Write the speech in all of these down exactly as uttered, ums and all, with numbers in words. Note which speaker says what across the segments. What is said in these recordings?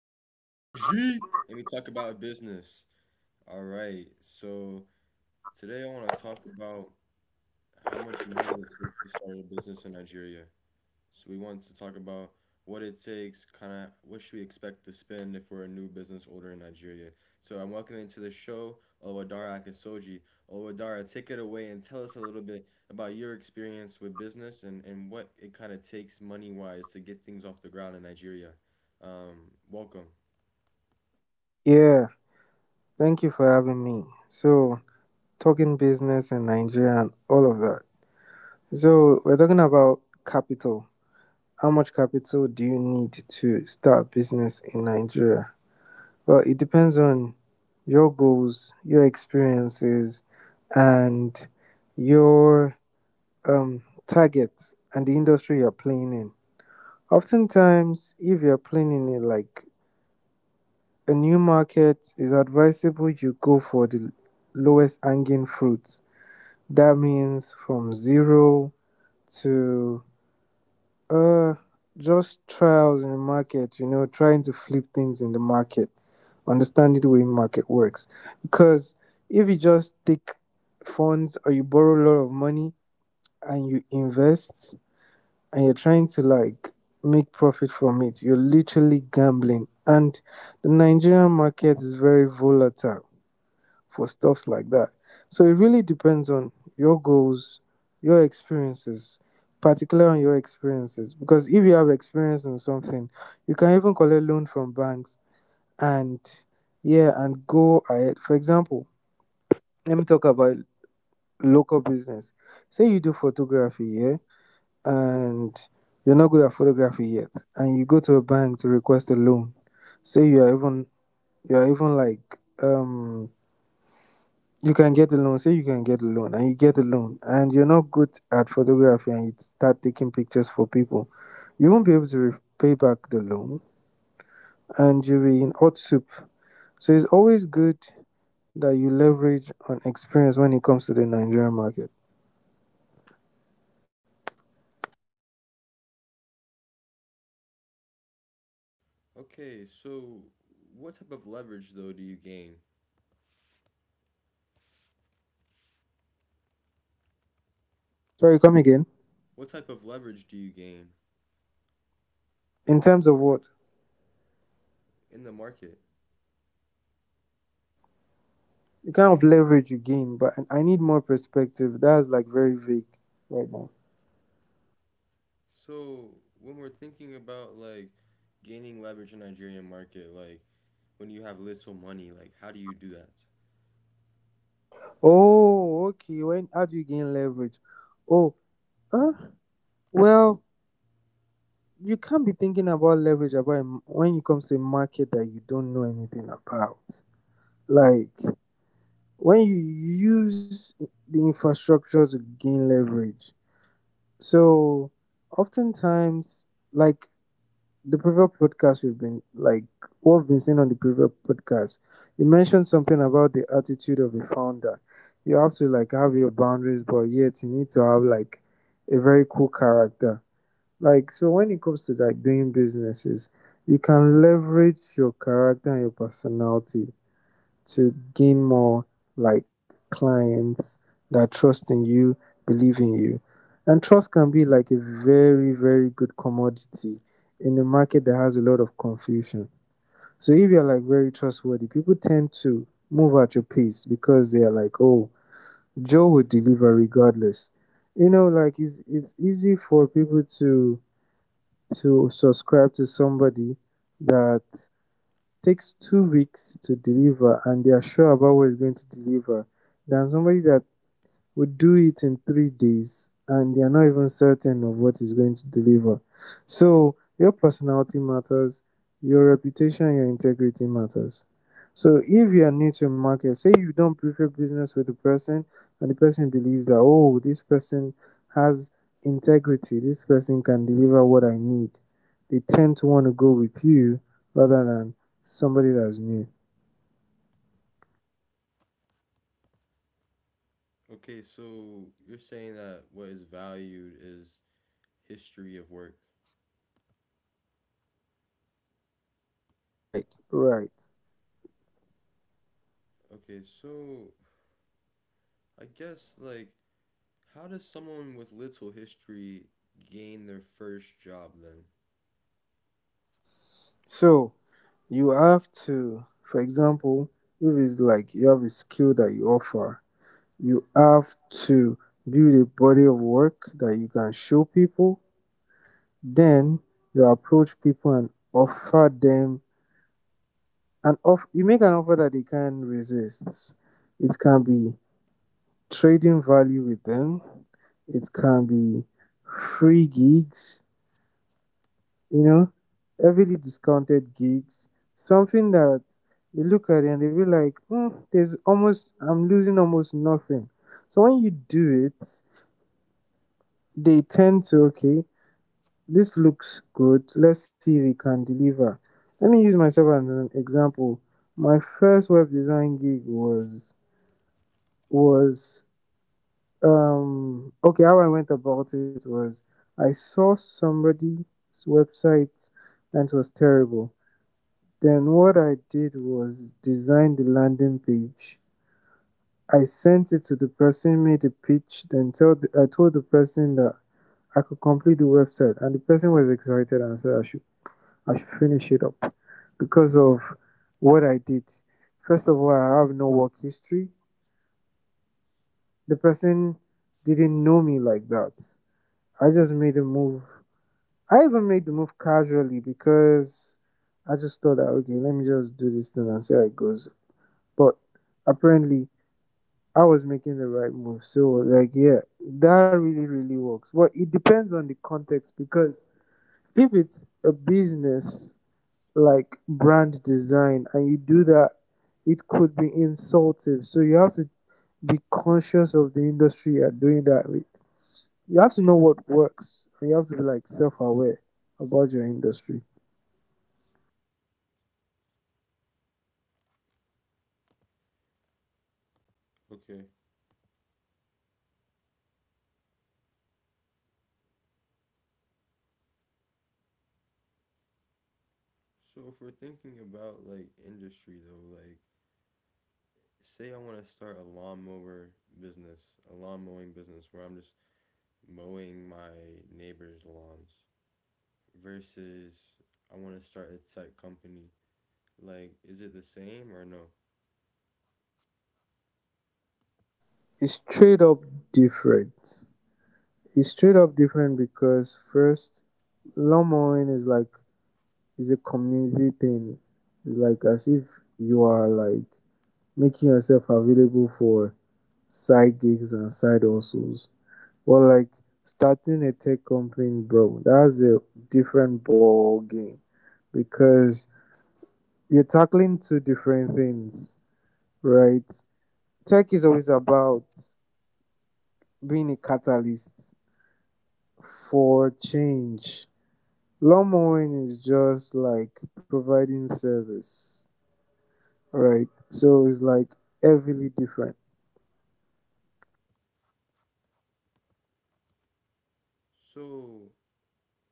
Speaker 1: where we bring the energy and we talk about business. All right, so today I want to talk about how much money it takes to start a business in Nigeria. So we want to talk about what it takes, kind of what should we expect to spend if we're a new business owner in Nigeria. So I'm welcoming to the show Olwadara Akisoji. Olwadara, take it away and tell us a little bit about your experience with business and, and what it kind of takes money wise to get things off the ground in Nigeria. Um, welcome.
Speaker 2: Yeah, thank you for having me. So, talking business in Nigeria and all of that. So, we're talking about capital. How much capital do you need to start a business in Nigeria? Well, it depends on your goals, your experiences, and your um, targets and the industry you're playing in. Oftentimes, if you're playing in it like a new market, it's advisable you go for the lowest hanging fruit. That means from zero to uh just trials in the market, you know, trying to flip things in the market, understanding the way market works. Because if you just take funds or you borrow a lot of money and you invest and you're trying to like make profit from it, you're literally gambling. And the Nigerian market is very volatile for stuffs like that. So it really depends on your goals, your experiences, particularly on your experiences. Because if you have experience in something, you can even collect loan from banks and yeah, and go ahead. For example, let me talk about local business. Say you do photography, yeah, and you're not good at photography yet, and you go to a bank to request a loan. Say you are even you are even like um you can get a loan, say you can get a loan and you get a loan and you're not good at photography and you start taking pictures for people, you won't be able to repay back the loan and you'll be in hot soup. So it's always good that you leverage on experience when it comes to the Nigerian market.
Speaker 1: Okay, so what type of leverage though do you gain?
Speaker 2: Sorry, come again.
Speaker 1: What type of leverage do you gain
Speaker 2: In terms of what?
Speaker 1: in the market?
Speaker 2: The kind of leverage you gain, but I need more perspective. That's like very vague right now.
Speaker 1: So when we're thinking about like gaining leverage in Nigerian market, like when you have little money, like how do you do that?
Speaker 2: Oh, okay, when how do you gain leverage? Oh, uh, well, you can't be thinking about leverage about a m when it comes to a market that you don't know anything about. Like when you use the infrastructure to gain leverage. So oftentimes, like the previous podcast we've been like what we've been saying on the previous podcast, you mentioned something about the attitude of a founder. You have to like have your boundaries, but yet you need to have like a very cool character, like, so when it comes to like doing businesses, you can leverage your character and your personality to gain more like clients that trust in you, believe in you. And trust can be like a very, very good commodity in a market that has a lot of confusion. So if you're like very trustworthy, people tend to move at your pace because they are like, oh, Joe will deliver regardless. You know, like it's it's easy for people to to subscribe to somebody that takes two weeks to deliver and they are sure about what is going to deliver than somebody that would do it in three days and they are not even certain of what is going to deliver. So your personality matters, your reputation, your integrity matters. So if you are new to a market, say you don't prefer business with the person and the person believes that oh this person has integrity, this person can deliver what I need. They tend to want to go with you rather than somebody that's new.
Speaker 1: Okay, so you're saying that what is valued is history of work.
Speaker 2: Right, right.
Speaker 1: Okay, so I guess like how does someone with little history gain their first job then?
Speaker 2: So you have to, for example, if it's like you have a skill that you offer, you have to build a body of work that you can show people, then you approach people and offer them an off you make an offer that they can resist. It can be trading value with them, it can be free gigs, you know, heavily discounted gigs, something that they look at it and they be like, mm, there's almost, I'm losing almost nothing. So when you do it, they tend to, okay, this looks good. Let's see if we can deliver. Let me use myself as an example. My first web design gig was, was, um, okay, how I went about it was I saw somebody's website and it was terrible. Then what I did was design the landing page. I sent it to the person, made the pitch. Then told the, I told the person that I could complete the website, and the person was excited and said I should I should finish it up because of what I did. First of all, I have no work history. The person didn't know me like that. I just made a move. I even made the move casually because I just thought that okay, let me just do this thing and see how it goes. But apparently, I was making the right move. So, like, yeah, that really, really works. But it depends on the context because if it's a business like brand design and you do that, it could be insultive. So, you have to be conscious of the industry you're doing that with. You have to know what works and you have to be like self aware about your industry.
Speaker 1: Okay. So if we're thinking about like industry though, like say I want to start a lawnmower business, a lawn mowing business where I'm just mowing my neighbor's lawns versus I want to start a tech company. Like, is it the same or no?
Speaker 2: It's straight up different. It's straight up different because, first, lawn mowing is like it's a community thing. It's like as if you are like making yourself available for side gigs and side hustles. But like starting a tech company, bro, that's a different ball game because you're tackling two different things, right? Tech is always about being a catalyst for change. Lawn mowing is just like providing service. Right. So it's like heavily different.
Speaker 1: So,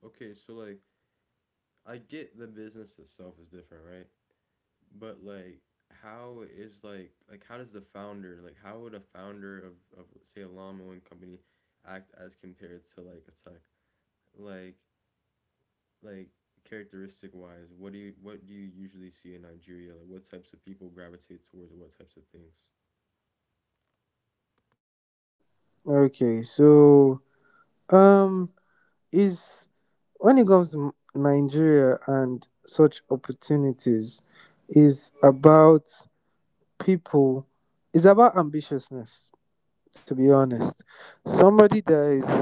Speaker 1: okay, so like, I get the business itself is different, right? But like, how is like, like, how does the founder, like, how would a founder of, of say, a lawn mowing company act as compared to like a tech? Like, like, characteristic wise, what do you what do you usually see in Nigeria? Like what types of people gravitate towards what types of things?
Speaker 2: Okay. So um is when it comes to Nigeria and such opportunities is about people, it's about ambitiousness, to be honest. Somebody that is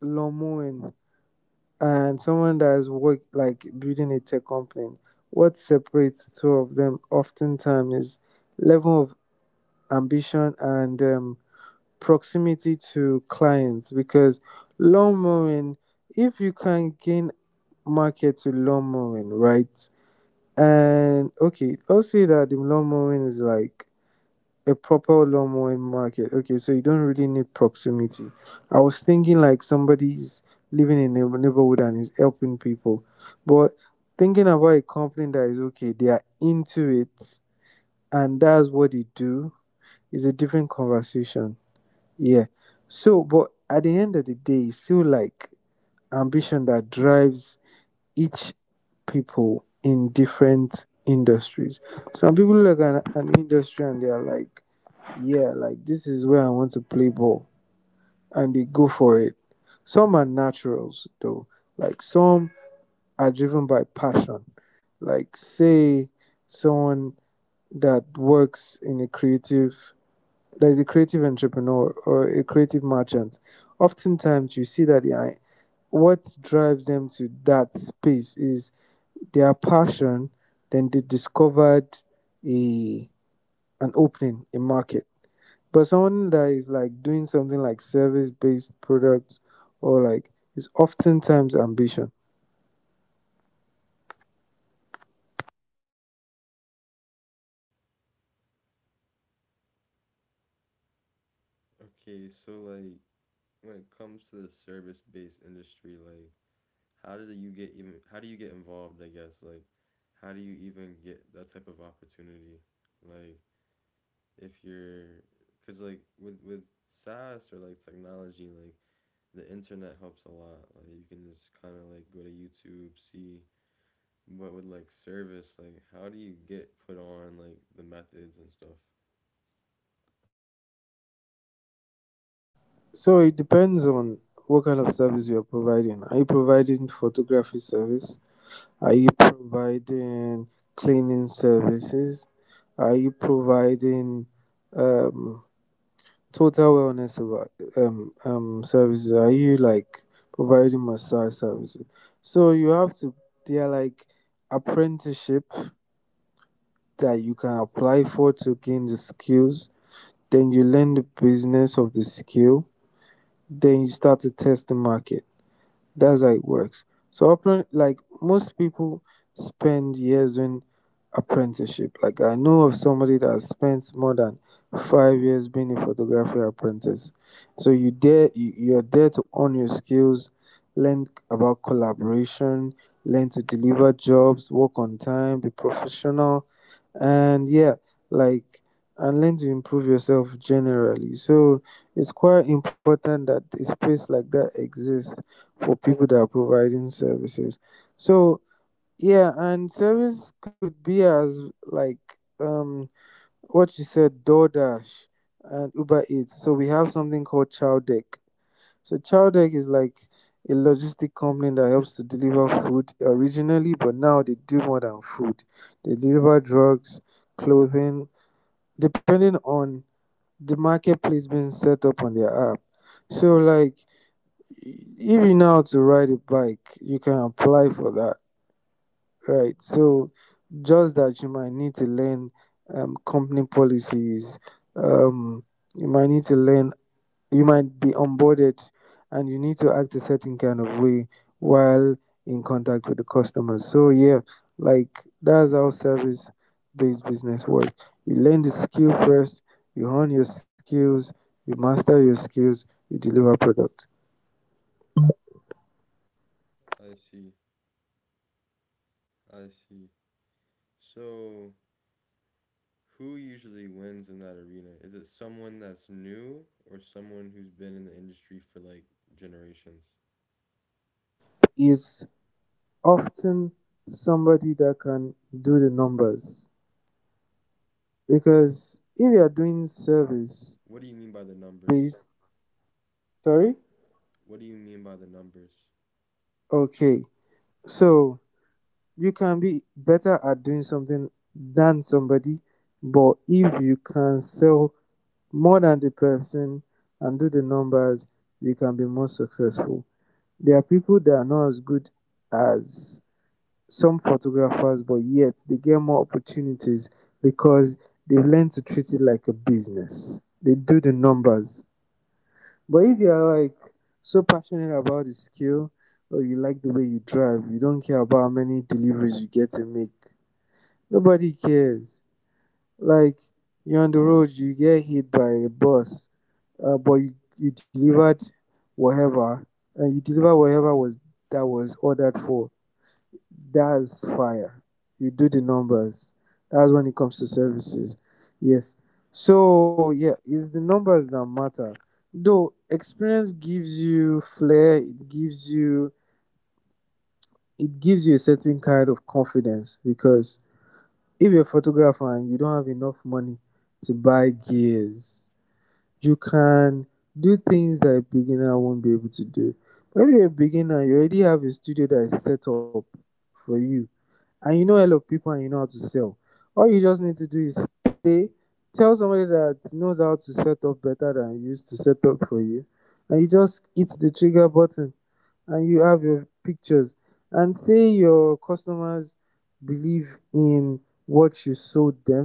Speaker 2: lomoing and someone that has worked like building a tech company, what separates two of them oftentimes is level of ambition and um, proximity to clients because lawn mowing, if you can gain market to lawn mowing, right? And okay, let's say that the lawn mowing is like a proper lawn mowing market. Okay, so you don't really need proximity. I was thinking like somebody's living in a neighborhood and is helping people, but thinking about a company that is okay, they are into it and that's what they do is a different conversation. Yeah. So, but at the end of the day, it's still like ambition that drives each people in different industries. Some people look at an industry and they are like, yeah, like this is where I want to play ball, and they go for it. Some are naturals though. Like some are driven by passion. Like say someone that works in a creative, that is a creative entrepreneur or a creative merchant, oftentimes you see that the what drives them to that space is their passion, then they discovered a an opening, a market. But someone that is like doing something like service based products or like is oftentimes ambition.
Speaker 1: Okay, so like when it comes to the service-based industry, like how did you get even how do you get involved, I guess? Like how do you even get that type of opportunity? Like if you're cuz like with with SaaS or like technology, like the internet helps a lot. Like you can just kind of like go to YouTube, see but with like service, like how do you get put on like the methods and stuff?
Speaker 2: So it depends on what kind of service you're providing. Are you providing photography service? Are you providing cleaning services? Are you providing um, total wellness of- um, um, services? Are you like providing massage services? So you have to, they are like apprenticeship that you can apply for to gain the skills. Then you learn the business of the skill. Then you start to test the market. That's how it works. So, appren- like most people spend years in apprenticeship. Like I know of somebody that has spent more than five years being a photography apprentice. So you there, you, you're there to hone your skills, learn about collaboration, learn to deliver jobs, work on time, be professional, and yeah, like and learn to improve yourself generally. So it's quite important that a space like that exists for people that are providing services. So yeah, and service could be as like um what you said, DoorDash and Uber Eats. So we have something called Chowdeck. So Chowdeck is like a logistic company that helps to deliver food originally, but now they do more than food. They deliver drugs, clothing, depending on the marketplace being set up on their app. So like if you know how to ride a bike, you can apply for that, right? So just that you might need to learn um, company policies. Um, you might need to learn. You might be onboarded, and you need to act a certain kind of way while in contact with the customers. So yeah, like that's how service-based business work. You learn the skill first. You hone your skills. You master your skills. You deliver product
Speaker 1: I see. I see. So who usually wins in that arena? Is it someone that's new or someone who's been in the industry for like generations?
Speaker 2: is often somebody that can do the numbers because if you are doing service
Speaker 1: What do you mean by the numbers?
Speaker 2: based, sorry,
Speaker 1: What do you mean by the numbers?
Speaker 2: okay, so you can be better at doing something than somebody, but if you can sell more than the person and do the numbers, you can be more successful. There are people that are not as good as some photographers, but yet they get more opportunities because they've learned to treat it like a business. They do the numbers. But if you're like so passionate about the skill or you like the way you drive, you don't care about how many deliveries you get to make. Nobody cares. Like, you're on the road, you get hit by a bus, uh, but you, you delivered whatever, and you deliver whatever was that was ordered for, that's fire. You do the numbers. That's when it comes to services. Yes. So yeah, it's the numbers that matter. Though experience gives you flair, it gives you it gives you a certain kind of confidence because if you're a photographer and you don't have enough money to buy gears, you can do things that a beginner won't be able to do. When you're a beginner, you already have a studio that is set up for you and you know a lot of people and you know how to sell. All you just need to do is stay, tell somebody that knows how to set up better than you, used to set up for you, and you just hit the trigger button and you have your pictures. And say your customers believe in what you sold them,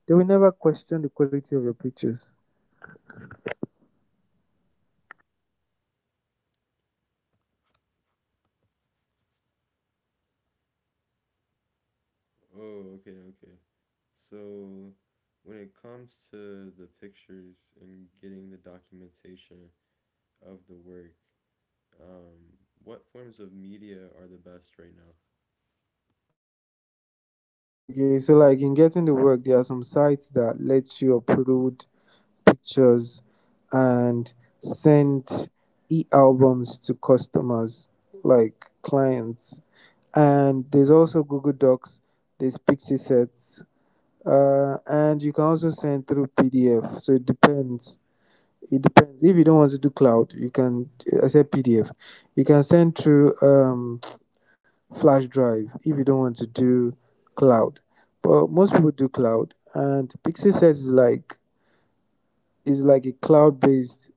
Speaker 2: they will never question the quality of your pictures.
Speaker 1: Oh, okay, okay. So, when it comes to the pictures and getting the documentation of the work, um, what forms of media are the best right now?
Speaker 2: Okay, so like in getting the work, there are some sites that let you upload pictures and sent e-albums to customers, like clients, and there's also Google Docs, there's Pixie Sets, uh, and you can also send through PDF. So it depends. It depends, if you don't want to do cloud you can, I said PDF, you can send through um, flash drive if you don't want to do cloud. But most people do cloud, and Pixie Sets is like, is like a cloud based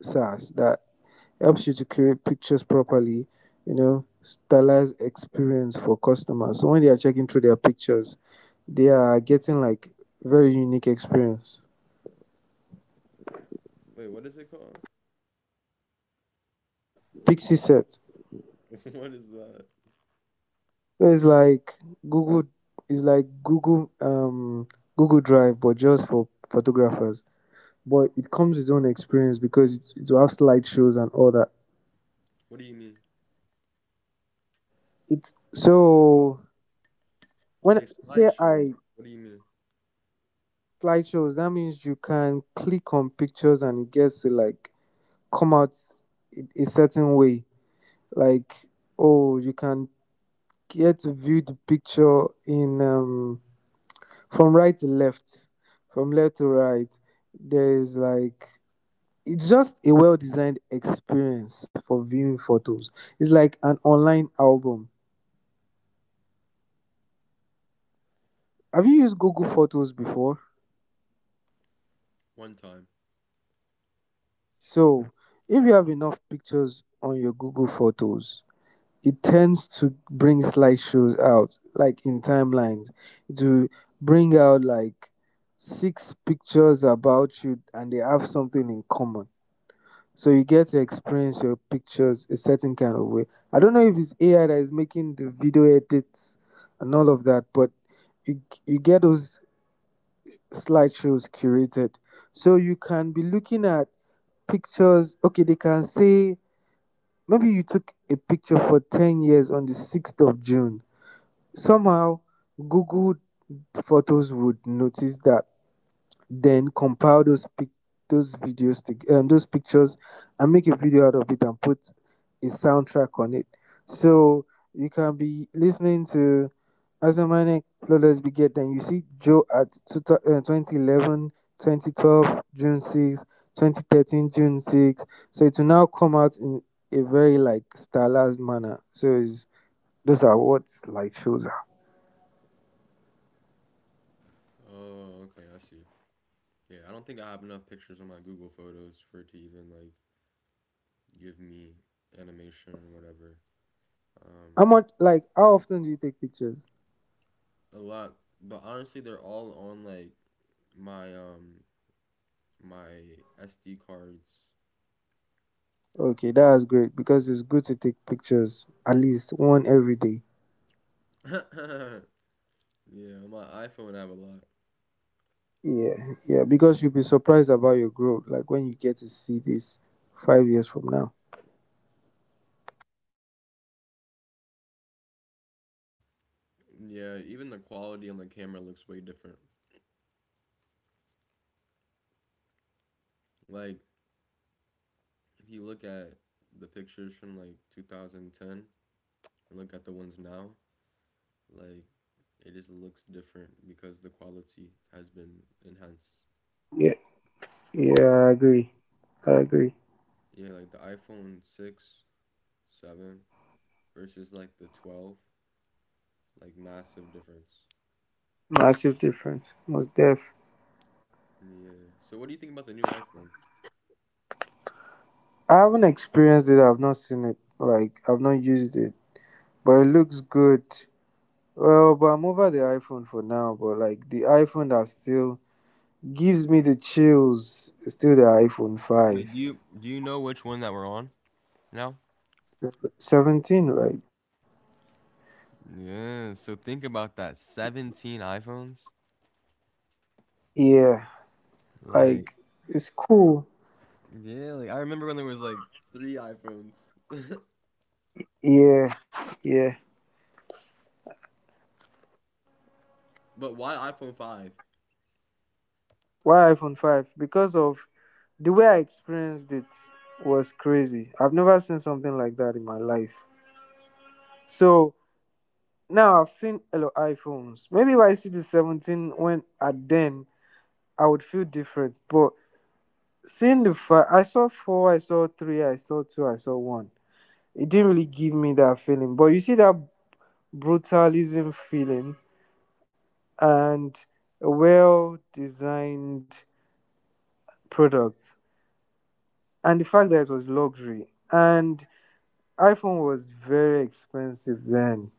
Speaker 2: SaaS that helps you to create pictures properly, you know, stylize experience for customers. So when they are checking through their pictures, they are getting like very unique experience.
Speaker 1: Wait, what is it called?
Speaker 2: Pixie Set.
Speaker 1: What is that?
Speaker 2: So it's like Google, it's like Google um Google Drive but just for photographers. But it comes with its own experience because it, it will have slideshows and all that.
Speaker 1: What do you mean?
Speaker 2: It's so when
Speaker 1: Like
Speaker 2: say
Speaker 1: slideshows.
Speaker 2: I,
Speaker 1: What do you mean?
Speaker 2: slideshows that means you can click on pictures and it gets to like come out a a certain way, like, oh, you can get to view the picture in um from right to left, from left to right. There is like, it's just a well-designed experience for viewing photos. It's like an online album. Have you used Google Photos before?
Speaker 1: One time.
Speaker 2: So if you have enough pictures on your Google Photos, it tends to bring slideshows out like in timelines, to bring out like six pictures about you and they have something in common. So you get to experience your pictures a certain kind of way. I don't know if it's AI that is making the video edits and all of that, but you, you get those slideshows curated. So you can be looking at pictures, okay, they can say, maybe you took a picture for ten years on the sixth of June. Somehow, Google Photos would notice that, then compile those pic- those videos, to, um, those pictures, and make a video out of it and put a soundtrack on it. So you can be listening to Azamane Flawless Beget, then you see Joe at two, thou- uh, twenty eleven, June sixth, twenty thirteen, June sixth. So it will now come out in a very like stylized manner. So it's, those are what like shows.
Speaker 1: Oh, okay, I see. Yeah, I don't think I have enough pictures on my Google Photos for it to even like give me animation or whatever.
Speaker 2: How
Speaker 1: Um,
Speaker 2: much, like, how often do you take pictures?
Speaker 1: a lot, but honestly, they're all on like my um my S D cards.
Speaker 2: Okay, that's great because it's good to take pictures at least one every day.
Speaker 1: Yeah, my iPhone I have a lot.
Speaker 2: Yeah, yeah, because you'll be surprised about your growth, like when you get to see this five years from now.
Speaker 1: Yeah, even the quality on the camera looks way different. Like if you look at the pictures from like twenty ten and look at the ones now, like it just looks different because the quality has been enhanced.
Speaker 2: Yeah, yeah, I agree. I agree.
Speaker 1: Yeah, like the iPhone six, seven versus like the twelve, like massive difference.
Speaker 2: Massive difference. Most def.
Speaker 1: Yeah. So what do you think about the new iPhone?
Speaker 2: I haven't experienced it. I've not seen it. Like I've not used it, but it looks good. Well, but I'm over the iPhone for now. But like the iPhone that's still gives me the chills. Still the iPhone five.
Speaker 1: Wait, do you do you know which one that we're on now?
Speaker 2: seventeen, right?
Speaker 1: Yeah, so think about that. seventeen iPhones?
Speaker 2: Yeah.
Speaker 1: Like
Speaker 2: Like, it's cool.
Speaker 1: yeah, like I remember when there was like three iPhones.
Speaker 2: Yeah. Yeah.
Speaker 1: But why iPhone five?
Speaker 2: Why iPhone five? Because of the way I experienced it was crazy. I've never seen something like that in my life. So now I've seen a lot of iPhones. Maybe if I see the seventeen when at then I would feel different. But seeing the five, I saw four, I saw three, I saw two, I saw one, it didn't really give me that feeling. But you see that brutalism feeling and a well designed product and the fact that it was luxury, and iPhone was very expensive then.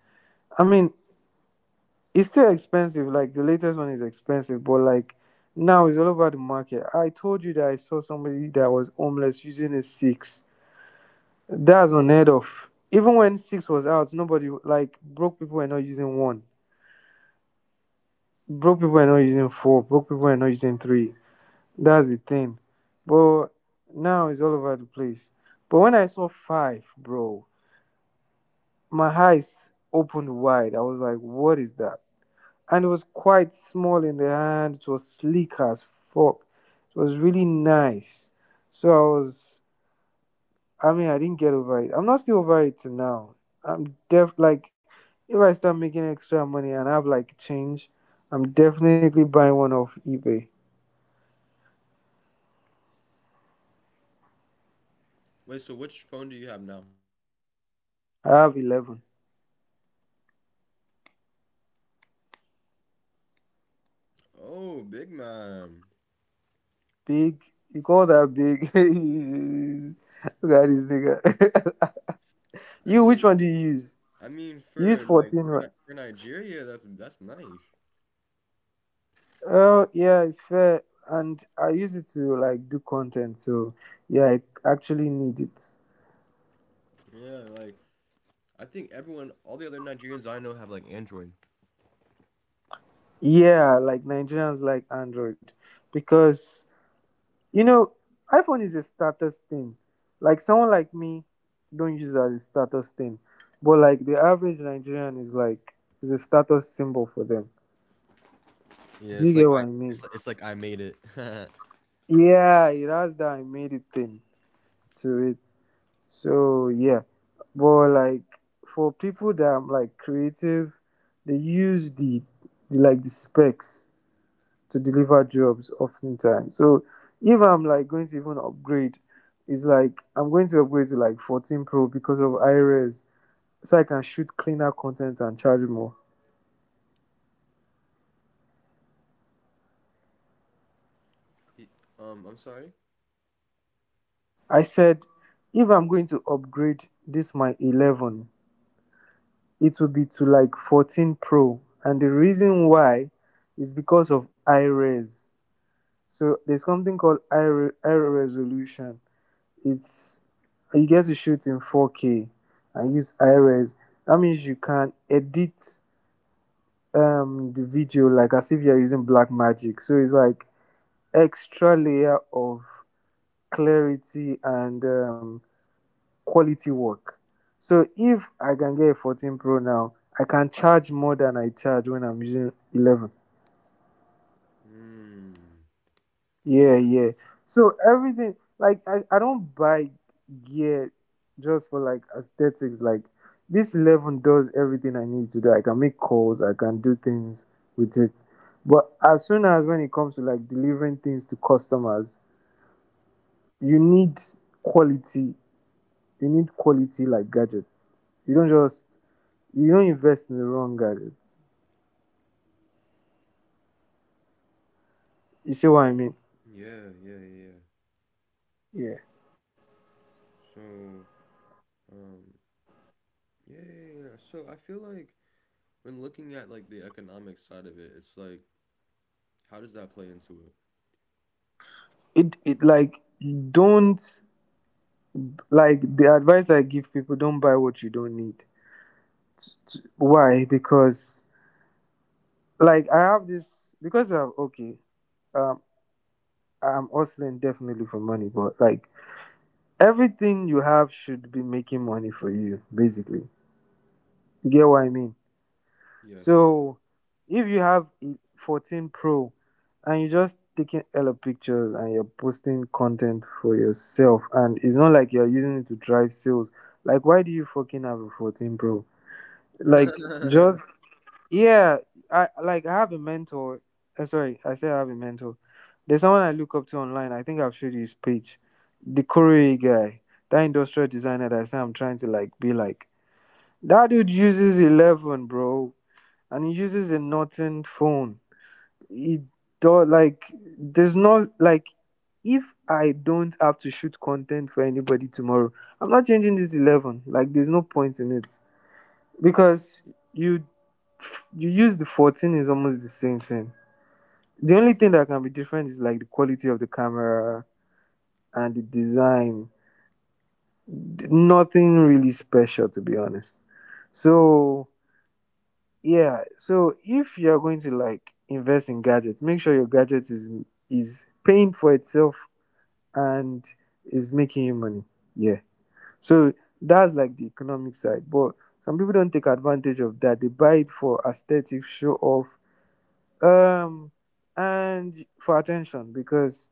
Speaker 2: I mean, it's still expensive, like the latest one is expensive, but like now it's all over the market. I told you that I saw somebody that was homeless using a six. That's unheard of. Even when six was out, nobody like broke people were not using one. Broke people are not using four. Broke people are not using three. That's the thing. But now it's all over the place. But when I saw five, bro, my eyes opened wide. I was like, what is that? And it was quite small in the hand. It was sleek as fuck. It was really nice. So I was, I mean, I didn't get over it. I'm not still over it till now. I'm def like, if I start making extra money and I have like change, I'm definitely buying one off eBay.
Speaker 1: Wait, so which phone do you have now?
Speaker 2: I have eleven.
Speaker 1: Oh, big man.
Speaker 2: Big. You call that big? Look at this nigga.
Speaker 1: I
Speaker 2: You, which
Speaker 1: mean,
Speaker 2: one do you use?
Speaker 1: I mean,
Speaker 2: You use
Speaker 1: for like
Speaker 2: fourteen,
Speaker 1: for
Speaker 2: right?
Speaker 1: Ni- for Nigeria, that's that's nice.
Speaker 2: Oh yeah, it's fair. And I use it to like do content, so yeah, I actually need it.
Speaker 1: Yeah, like I think everyone, all the other Nigerians I know have like Android.
Speaker 2: Yeah, like Nigerians like Android because, you know, iPhone is a status thing. Like someone like me don't use it as a status thing, but like the average Nigerian is like, is a status symbol for them.
Speaker 1: Yeah,
Speaker 2: Do you
Speaker 1: it's
Speaker 2: get
Speaker 1: like I,
Speaker 2: what I mean?
Speaker 1: it's like, it's like I made it.
Speaker 2: Yeah, it has that immediate thing to it. So yeah, but like for people that are like creative, they use the, the like the specs to deliver jobs oftentimes. So if I'm like going to even upgrade, it's like I'm going to upgrade to like fourteen Pro because of iRes, so I can shoot cleaner content and charge more.
Speaker 1: It- um, I'm sorry.
Speaker 2: I said if I'm going to upgrade this my eleven, it will be to like fourteen Pro. And the reason why is because of high res. So there's something called high resolution. It's, you get to shoot in four K and use high res. That means you can edit um the video like as if you're using Black Magic. So it's like extra layer of clarity and um quality work. So if I can get a fourteen Pro now, I can charge more than I charge when I'm using eleven.
Speaker 1: Hmm. Okay.
Speaker 2: Yeah, yeah. So everything, like I, I don't buy gear just for like aesthetics. Like this eleven does everything I need to do. I can make calls, I can do things with it. But as soon as when it comes to like delivering things to customers, you need quality, you need quality like gadgets. You don't just you don't invest in the wrong gadgets. You see what I mean?
Speaker 1: Yeah, yeah, yeah, yeah.
Speaker 2: Yeah.
Speaker 1: So, um, yeah, yeah, yeah. So I feel like when looking at like the economic side of it, it's like, how does that play into it?
Speaker 2: It it like don't, like the advice I give people, don't buy what you don't need. T- t- Why? Because like I have this because I'm okay. Um, I'm hustling definitely for money, but like everything you have should be making money for you. Basically, you get what I mean.
Speaker 1: Yes.
Speaker 2: So if you have a fourteen Pro and you're just taking hella pictures and you're posting content for yourself, and it's not like you're using it to drive sales, like why do you fucking have a fourteen Pro? Like just yeah, I like I have a mentor. uh, Sorry, I said I have a mentor. There's someone I look up to online. I think I've showed you his page, the Korea guy, that industrial designer that I say I'm trying to like be like. That dude uses eleven, bro, and he uses a Norton phone. He do like, there's not like, if I don't have to shoot content for anybody tomorrow, I'm not changing this eleven. Like there's no point in it because you you use the fourteen, is almost the same thing. The only thing that can be different is like the quality of the camera and the design. Nothing really special to be honest. So yeah, so if you are going to like invest in gadgets, make sure your gadget is is paying for itself and is making you money. Yeah. So that's like the economic side, but some people don't take advantage of that. They buy it for aesthetic, show off, um, and for attention because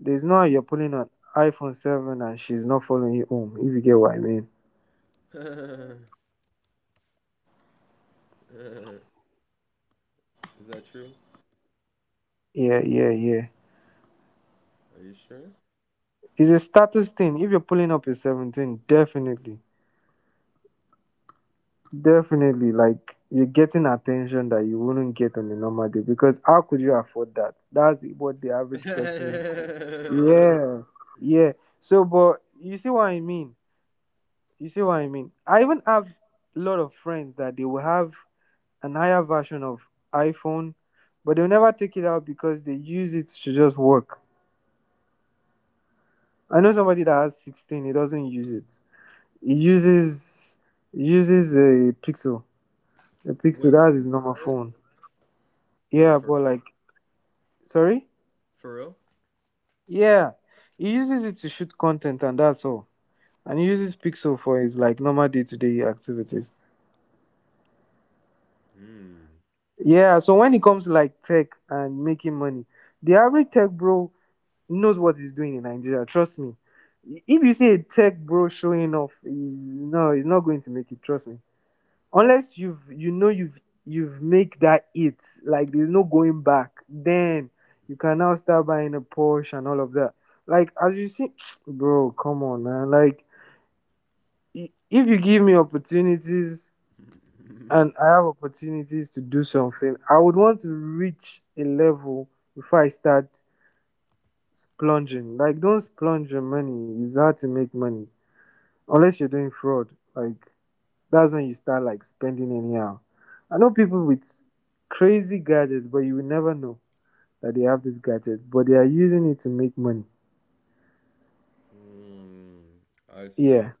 Speaker 2: there's no how you're pulling an iPhone seven and she's not following you home, if you get what I mean.
Speaker 1: Is that true?
Speaker 2: Yeah, yeah, yeah.
Speaker 1: Are you sure?
Speaker 2: It's a status thing. If you're pulling up your seventeen, definitely. Definitely, like you're getting attention that you wouldn't get on a normal day because how could you afford that? That's what the average person.
Speaker 1: Wait,
Speaker 2: Yeah, yeah. So, but you see what I mean? You see what I mean? I even have a lot of friends that they will have an higher version of iPhone, but they'll never take it out because they use it to just work. I know somebody that has sixteen, he doesn't use it. He uses he uses a Pixel. A Pixel,
Speaker 1: what?
Speaker 2: that's his normal phone.
Speaker 1: Wait,
Speaker 2: Yeah,
Speaker 1: for
Speaker 2: but like. Sorry?
Speaker 1: for real?
Speaker 2: Yeah. He uses it to shoot content and that's all. And he uses Pixel for his like normal day to day activities.
Speaker 1: Hmm.
Speaker 2: Yeah, so when it comes to like tech and making money, the average tech bro knows what he's doing in Nigeria, trust me. If you see a tech bro showing off, he's no he's not going to make it, trust me. Unless you've you know you've you've make that it, like there's no going back. Then you can now start buying a Porsche and all of that, like as you see bro, come on man, like i- if you give me opportunities and I have opportunities to do something, I would want to reach a level before I start splunging. Like don't splunge your money, it's hard to make money. Unless you're doing fraud, like. That's when you start like spending anyhow. I know people with crazy gadgets, but you will never know that they have this gadget, but they are using it to make money.
Speaker 1: Hmm. I see. I
Speaker 2: Yeah.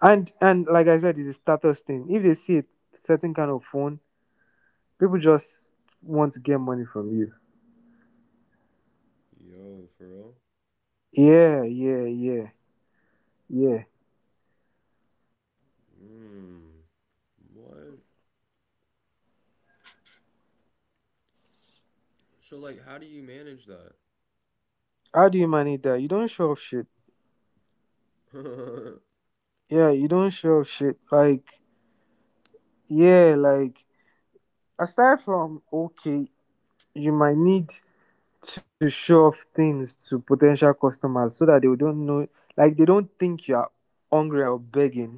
Speaker 2: And and like I said, it's a status thing. If they see a certain kind of phone, people just want to get money from you.
Speaker 1: see. Yo, for real?
Speaker 2: Yeah, yeah, yeah, yeah.
Speaker 1: Hmm. What? So like, how do you manage that?
Speaker 2: How do you manage that? You don't show off shit. Yeah, you don't show off shit. Like, yeah, like aside from okay, you might need to show off things to potential customers so that they don't know, like they don't think you are hungry or begging.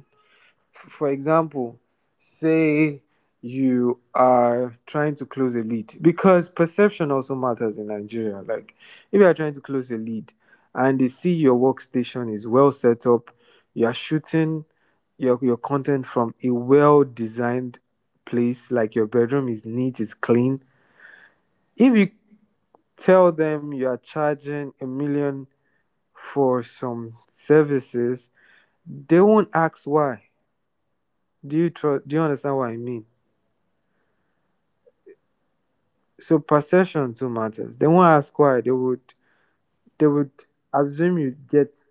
Speaker 2: F- for example, say you are trying to close a lead because perception also matters in Nigeria. Like if you are trying to close a lead and they see your workstation is well set up, you are shooting your, your content from a well designed place, like your bedroom is neat, is clean. If you tell them you are charging a million for some services, they won't ask why. Do you trust? Do you understand what I mean? So perception too matters. They won't ask why. They would. They would assume you get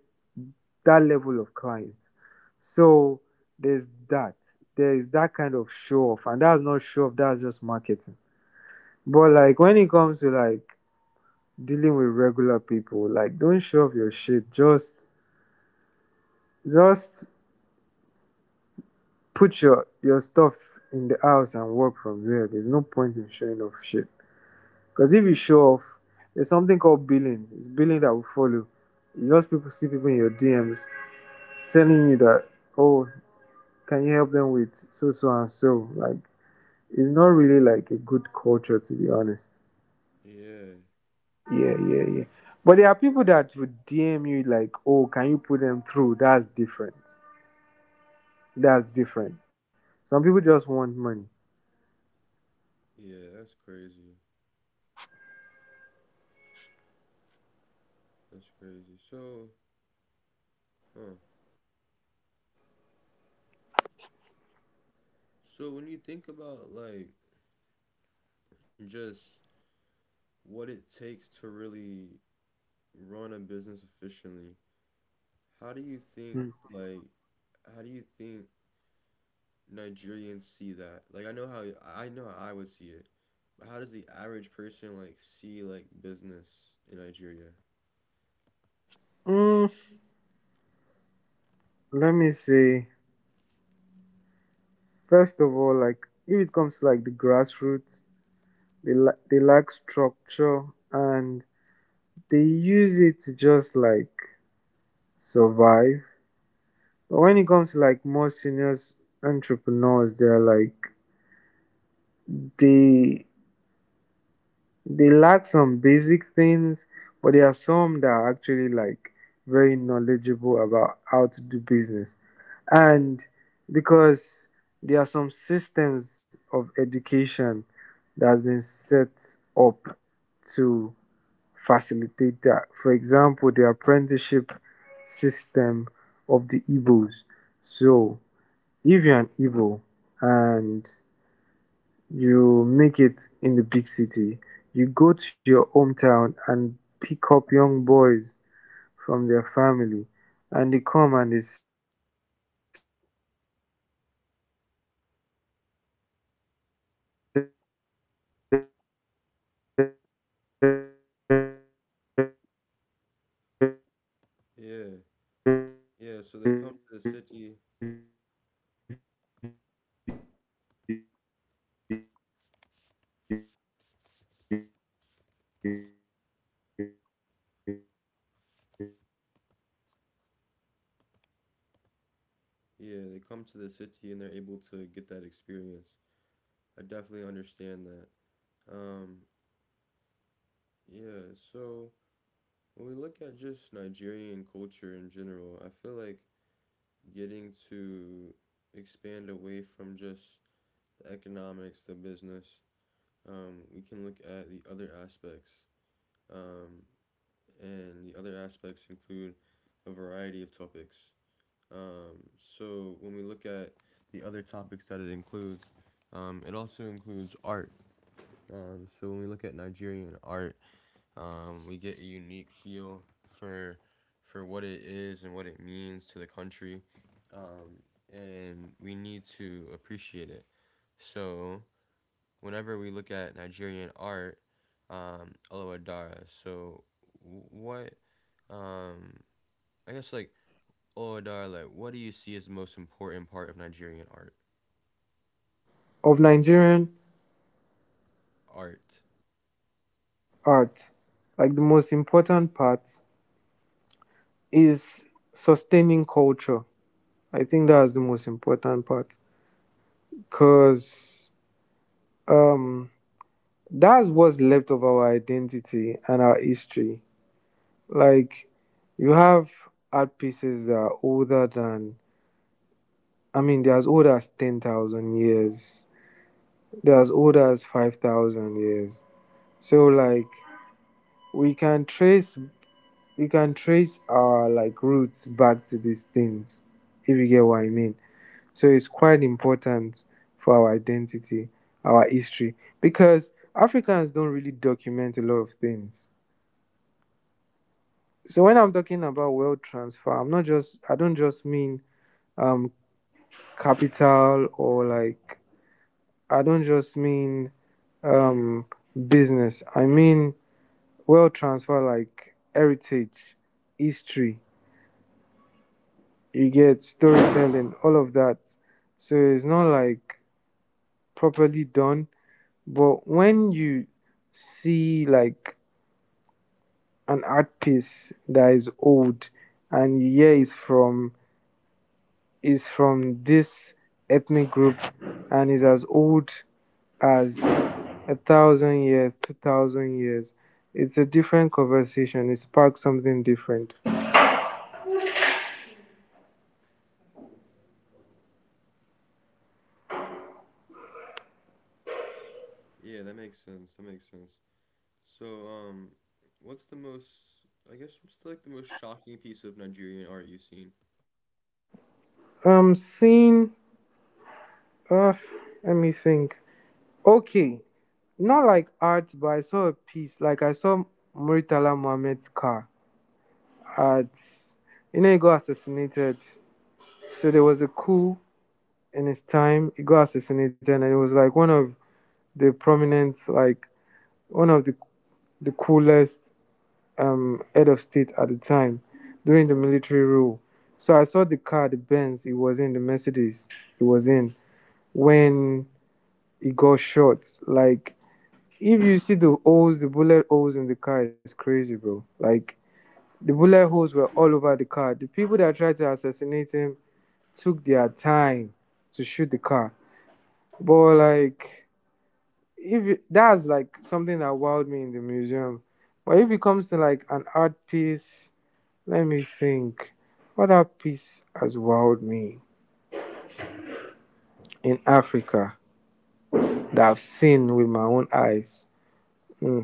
Speaker 2: that level of client. So there's that. There is that kind of show off, and that's not show off. That's just marketing. But like when it comes to like dealing with regular people, like don't show off your shit. Just just put your your stuff in the house and work from there. There's no point in showing off shit. Because if you show off, there's something called billing. It's billing that will follow. You just People see people in your D Ms telling you that, oh, can you help them with so so and so? Like it's not really like a good culture to be honest.
Speaker 1: Yeah.
Speaker 2: Yeah,
Speaker 1: Yeah,
Speaker 2: yeah, yeah. But there are people that would D M you like, oh, can you put them through? That's different. That's different. Some people just want money.
Speaker 1: yeah, that's crazy. That's crazy. So, huh. So when you think about like just what it takes to really run a business efficiently, how do you think
Speaker 2: Mm.
Speaker 1: like how do you think Nigerians see that? Like I know how I know how I would see it, but how does the average person like see like business in Nigeria?
Speaker 2: Mm, Let me see. First of all, like if it comes to like the grassroots, they la- they lack structure and they use it to just like survive. But when it comes to like more seniors entrepreneurs, they're like they They lack some basic things, but there are some that are actually like very knowledgeable about how to do business. And because there are some systems of education that has been set up to facilitate that. For example, the apprenticeship system of the Igbos. So if you're an Igbo and you make it in the big city, you go to your hometown and pick up young boys from their family, and they come and they serve you. They learn the business, they learn to negotiate, and they don't just learn like you know you you are pretty you're pretty Western and you are a tech person, so you are using
Speaker 1: Yeah.
Speaker 2: Notion and shit. Their Notion
Speaker 1: Yeah,
Speaker 2: is
Speaker 1: so
Speaker 2: in
Speaker 1: they
Speaker 2: their
Speaker 1: come to
Speaker 2: head.
Speaker 1: the city.
Speaker 2: Yeah, yeah. They come to the city, they do they learn the, s- the systems and the methods, so they know from negotiation how much they are making. They're already doing the math in their head,
Speaker 1: Yeah, they come to
Speaker 2: and
Speaker 1: the
Speaker 2: they're always with
Speaker 1: city
Speaker 2: their
Speaker 1: and they're able to
Speaker 2: calculator.
Speaker 1: get that experience. I definitely
Speaker 2: Yeah,
Speaker 1: understand
Speaker 2: yeah,
Speaker 1: that. Um
Speaker 2: yeah. So so
Speaker 1: yeah,
Speaker 2: when it's like
Speaker 1: so when we look at just Nigerian culture in general, I feel like getting to expand away from just the economics, the business um, we can look at the other aspects. Um, and the other aspects include a variety of topics. Um, so when we look at the other topics that it includes, um, it also includes art. Um, so when we look at Nigerian art, um, we get a unique feel for for what it is and what it means to the country, um, and we need to appreciate it. So whenever we look at Nigerian art, um, Olowadara. So, what, um, I guess like Olowadara, like, what do you see as the most important part of Nigerian art?
Speaker 2: of Nigerian
Speaker 1: Art.
Speaker 2: art, like the most important part is sustaining culture. I think that's the most important part because um, that's what's left of our identity and our history. Like, you have art pieces that are older than, I mean, they're as old as ten thousand years, they're as old as five thousand years. So, like, we can trace you can trace our like roots back to these things, if you get what I mean. So it's quite important for our identity, our history, because Africans don't really document a lot of things. So when I'm talking about wealth transfer, i'm not just I don't just mean um capital, or like I don't just mean um business, I mean wealth transfer, like heritage, history, you get storytelling, all of that. So it's not like properly done. But when you see like an art piece that is old, and you hear it's from is from this ethnic group and is as old as a thousand years, two thousand years, it's a different conversation. It sparks something different.
Speaker 1: Yeah, that makes sense. That makes sense. So, um, what's the most? I guess what's the, like the most shocking piece of Nigerian art you've seen?
Speaker 2: Um seeing, uh let me think. Okay. Not like art, but I saw a piece. Like I saw Muritala Mohammed's car at, you know, he got assassinated. So there was a coup in his time. He got assassinated, and it was like one of the prominent, like one of the the coolest um, head of state at the time during the military rule. So I saw the car, the Benz. It was in the Mercedes. It was in When he got shot, like, if you see the holes, the bullet holes in the car is crazy, bro. Like the bullet holes were all over the car. The people that tried to assassinate him took their time to shoot the car. But like, if you, that's like something that wowed me in the museum. But if it comes to like an art piece, let me think. What art piece has wowed me in Africa that I've seen with my own eyes? Hmm,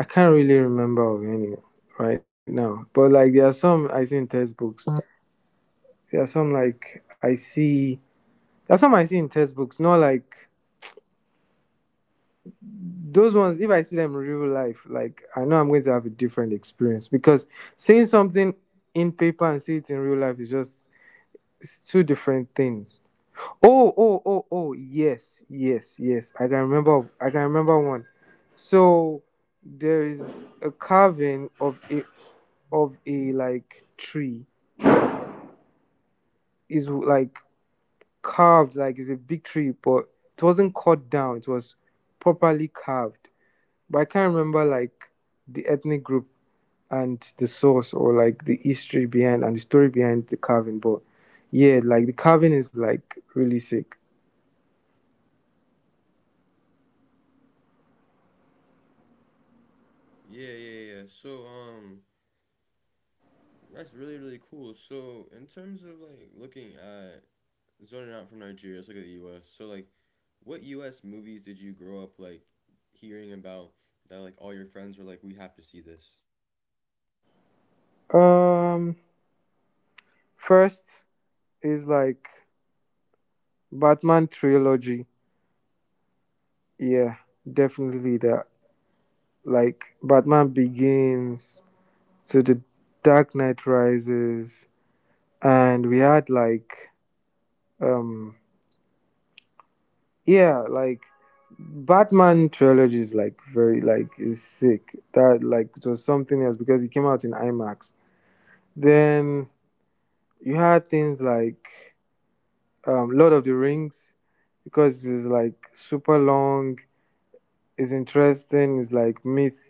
Speaker 2: I can't really remember of any right now. But like, there are some I see in textbooks. There are some like I see That's something I see in textbooks, not like those ones. If I see them in real life, like I know I'm going to have a different experience because seeing something in paper and see it in real life is just, it's two different things. Oh, oh, oh, oh, yes, yes, yes. I can remember. I can remember one. So there is a carving of a of a like tree, is like carved, like it's a big tree, but it wasn't cut down. It was properly carved, but I can't remember like the ethnic group and the source, or like the history behind and the story behind the carving. But yeah, like the carving is like really sick.
Speaker 1: Yeah, yeah, yeah. So, um, that's really really cool. So, in terms of like looking at zoning out from Nigeria, let's look at the U S. So like, what U S movies did you grow up like hearing about that like all your friends were like, we have to see this?
Speaker 2: Um, First is like Batman trilogy. Yeah, definitely that. Like Batman Begins to the Dark Knight Rises, and we had like um yeah, like Batman trilogy is like very, like is sick, that like it was something else because it came out in IMAX. Then you had things like um Lord of the Rings, because it's like super long, it's interesting, it's like myth.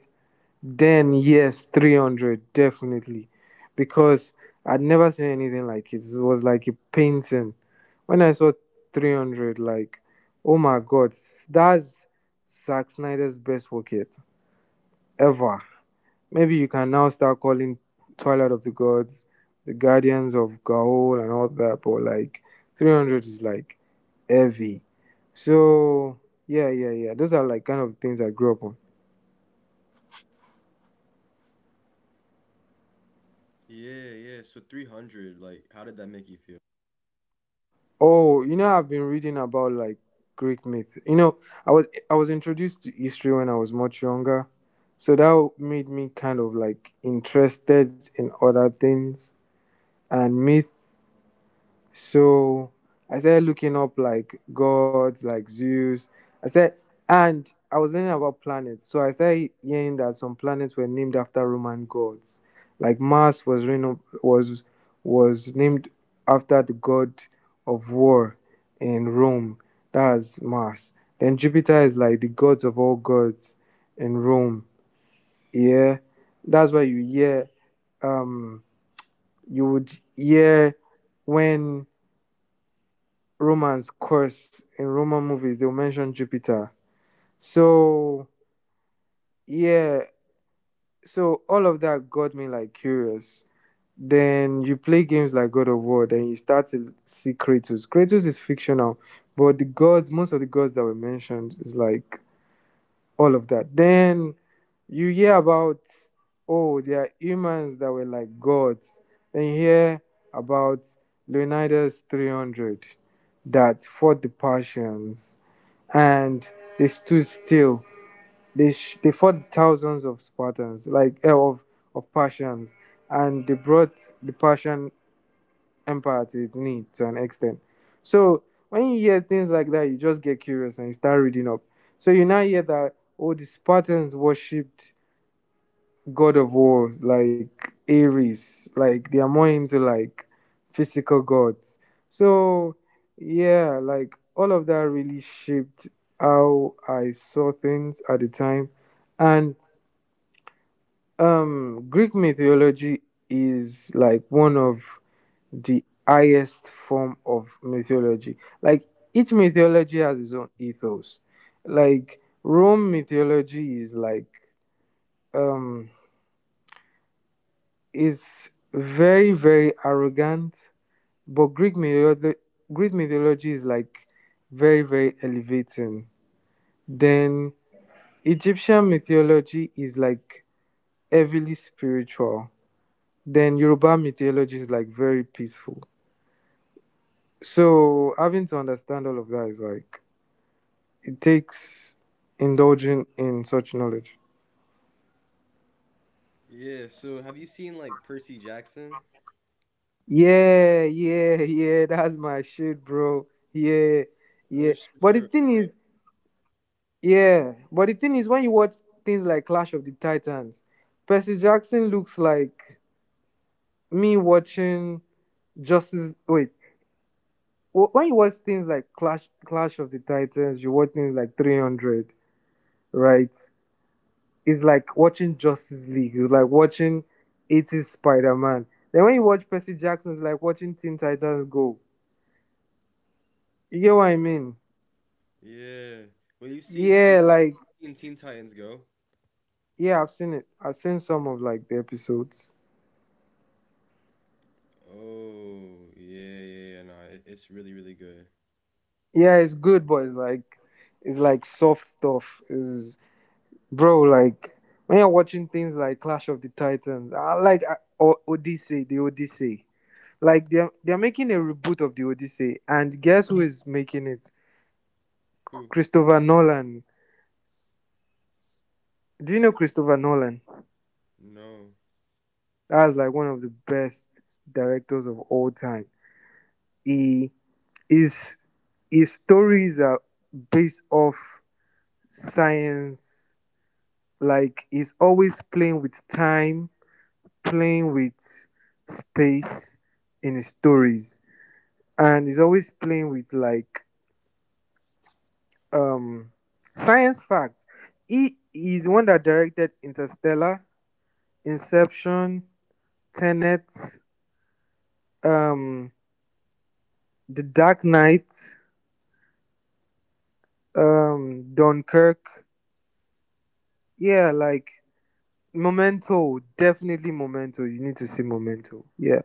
Speaker 2: Then yes, three hundred definitely, because I'd never seen anything like it. It was like a painting. When I saw three hundred, like, oh my God, s- that's Zack Snyder's best work yet ever. Maybe you can now start calling Twilight of the Gods, The Guardians of Gaul, and all that, but like three hundred is like heavy. So yeah, yeah, yeah. Those are like kind of things I grew up on.
Speaker 1: Yeah, yeah. So three hundred. Like, how did that make you feel?
Speaker 2: Oh, you know, I've been reading about like Greek myth. You know, I was I was introduced to history when I was much younger, so that made me kind of like interested in other things. And myth, so I started looking up like gods, like Zeus. I said, and I was learning about planets. So I started hearing that some planets were named after Roman gods. Like Mars was reno- was was named after the god of war in Rome. That's Mars. Then Jupiter is like the gods of all gods in Rome. Yeah, that's why you hear um you would hear when Roman's course, in Roman movies, they'll mention Jupiter. So, yeah, so all of that got me like curious. Then you play games like God of War, then you start to see Kratos. Kratos is fictional, but the gods, most of the gods that were mentioned, is like all of that. Then you hear about oh, there are humans that were like gods. Then you hear about Leonidas three hundred that fought the Persians and they stood still. They sh- they fought thousands of Spartans, like eh, of of Persians, and they brought the Persian empathy it need to an extent. So when you hear things like that, you just get curious and you start reading up. So you now hear that oh, the Spartans worshipped god of war like Ares, like they are more into like physical gods. So yeah, like all of that really shaped how I saw things at the time, and um, Greek mythology is like one of the highest form of mythology. Like each mythology has its own ethos. Like Rome mythology is like um is very very arrogant, but Greek mythology Greek mythology is like very very elevating. Then Egyptian mythology is like heavily spiritual. Then Yoruba mythology is like very peaceful. So having to understand all of that is like it takes indulging in such knowledge.
Speaker 1: Yeah. So have you seen like Percy Jackson?
Speaker 2: Yeah, yeah, yeah, that's my shit, bro. Yeah,
Speaker 1: Oh
Speaker 2: yeah.
Speaker 1: shit,
Speaker 2: But the
Speaker 1: for,
Speaker 2: thing
Speaker 1: for
Speaker 2: is, yeah, but the thing is, when you watch things like Clash of the Titans, Percy Jackson looks like me watching Justice. Wait, wh- when you watch things like Clash Clash of the Titans, you watch things like three hundred, right? It's like watching Justice League. It's like watching eighties Spider Man. Then when you watch Percy Jackson, it's like watching Teen Titans Go. You get what I mean?
Speaker 1: yeah. Well, you've seen Teen
Speaker 2: Yeah, like
Speaker 1: Titans, seen Teen Titans Go.
Speaker 2: yeah, I've seen it. I've seen some of like the episodes.
Speaker 1: Oh yeah, yeah, yeah. No, it, it's really, really good.
Speaker 2: Yeah, it's good, but it's like it's like soft stuff. Is bro like when you're watching things like Clash of the Titans, I like I- or Odyssey, the Odyssey. Like they're they're making a reboot of the Odyssey, and guess who is making it?
Speaker 1: Who?
Speaker 2: Christopher Nolan. Do you know Christopher Nolan?
Speaker 1: No.
Speaker 2: That's like one of the best directors of all time. He is his stories are based off science. Like he's always playing with time, playing with space in his stories, and he's always playing with like um science facts. He is the one that directed Interstellar, Inception, Tenet, um The Dark Knight, um, Dunkirk. Yeah, like Memento. Definitely Memento. You need to see Memento. Yeah,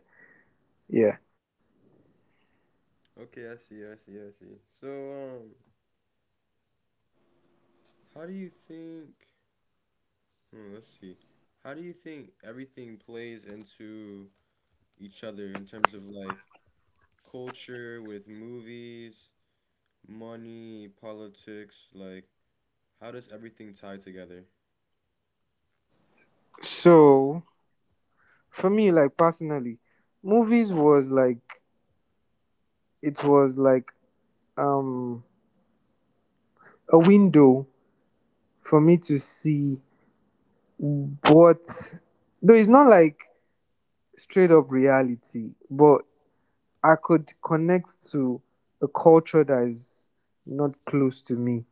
Speaker 2: yeah.
Speaker 1: Okay, I see, I see, I see. So, um, how do you think hmm, let's see. How do you think everything plays into each other in terms of like culture with movies, money, politics? Like, how does everything tie together?
Speaker 2: So for me, like personally, movies was like it was like um a window for me to see what though it's not like straight up reality, but I could connect to a culture that is not close to me.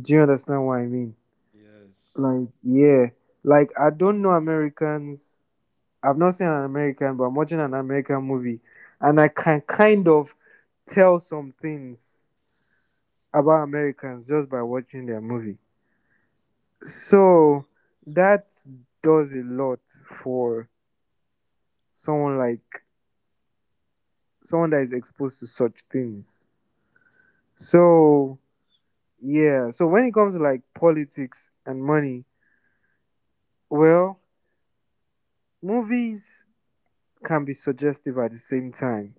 Speaker 2: Do you understand what I mean?
Speaker 1: Yes.
Speaker 2: Like, yeah. Like, I don't know Americans. I've not seen an American, but I'm watching an American movie. And I can kind of tell some things about Americans just by watching their movie. So, that does a lot for someone like someone that is exposed to such things. So, yeah. So, when it comes to like politics and money, well, movies can be suggestive at the same time.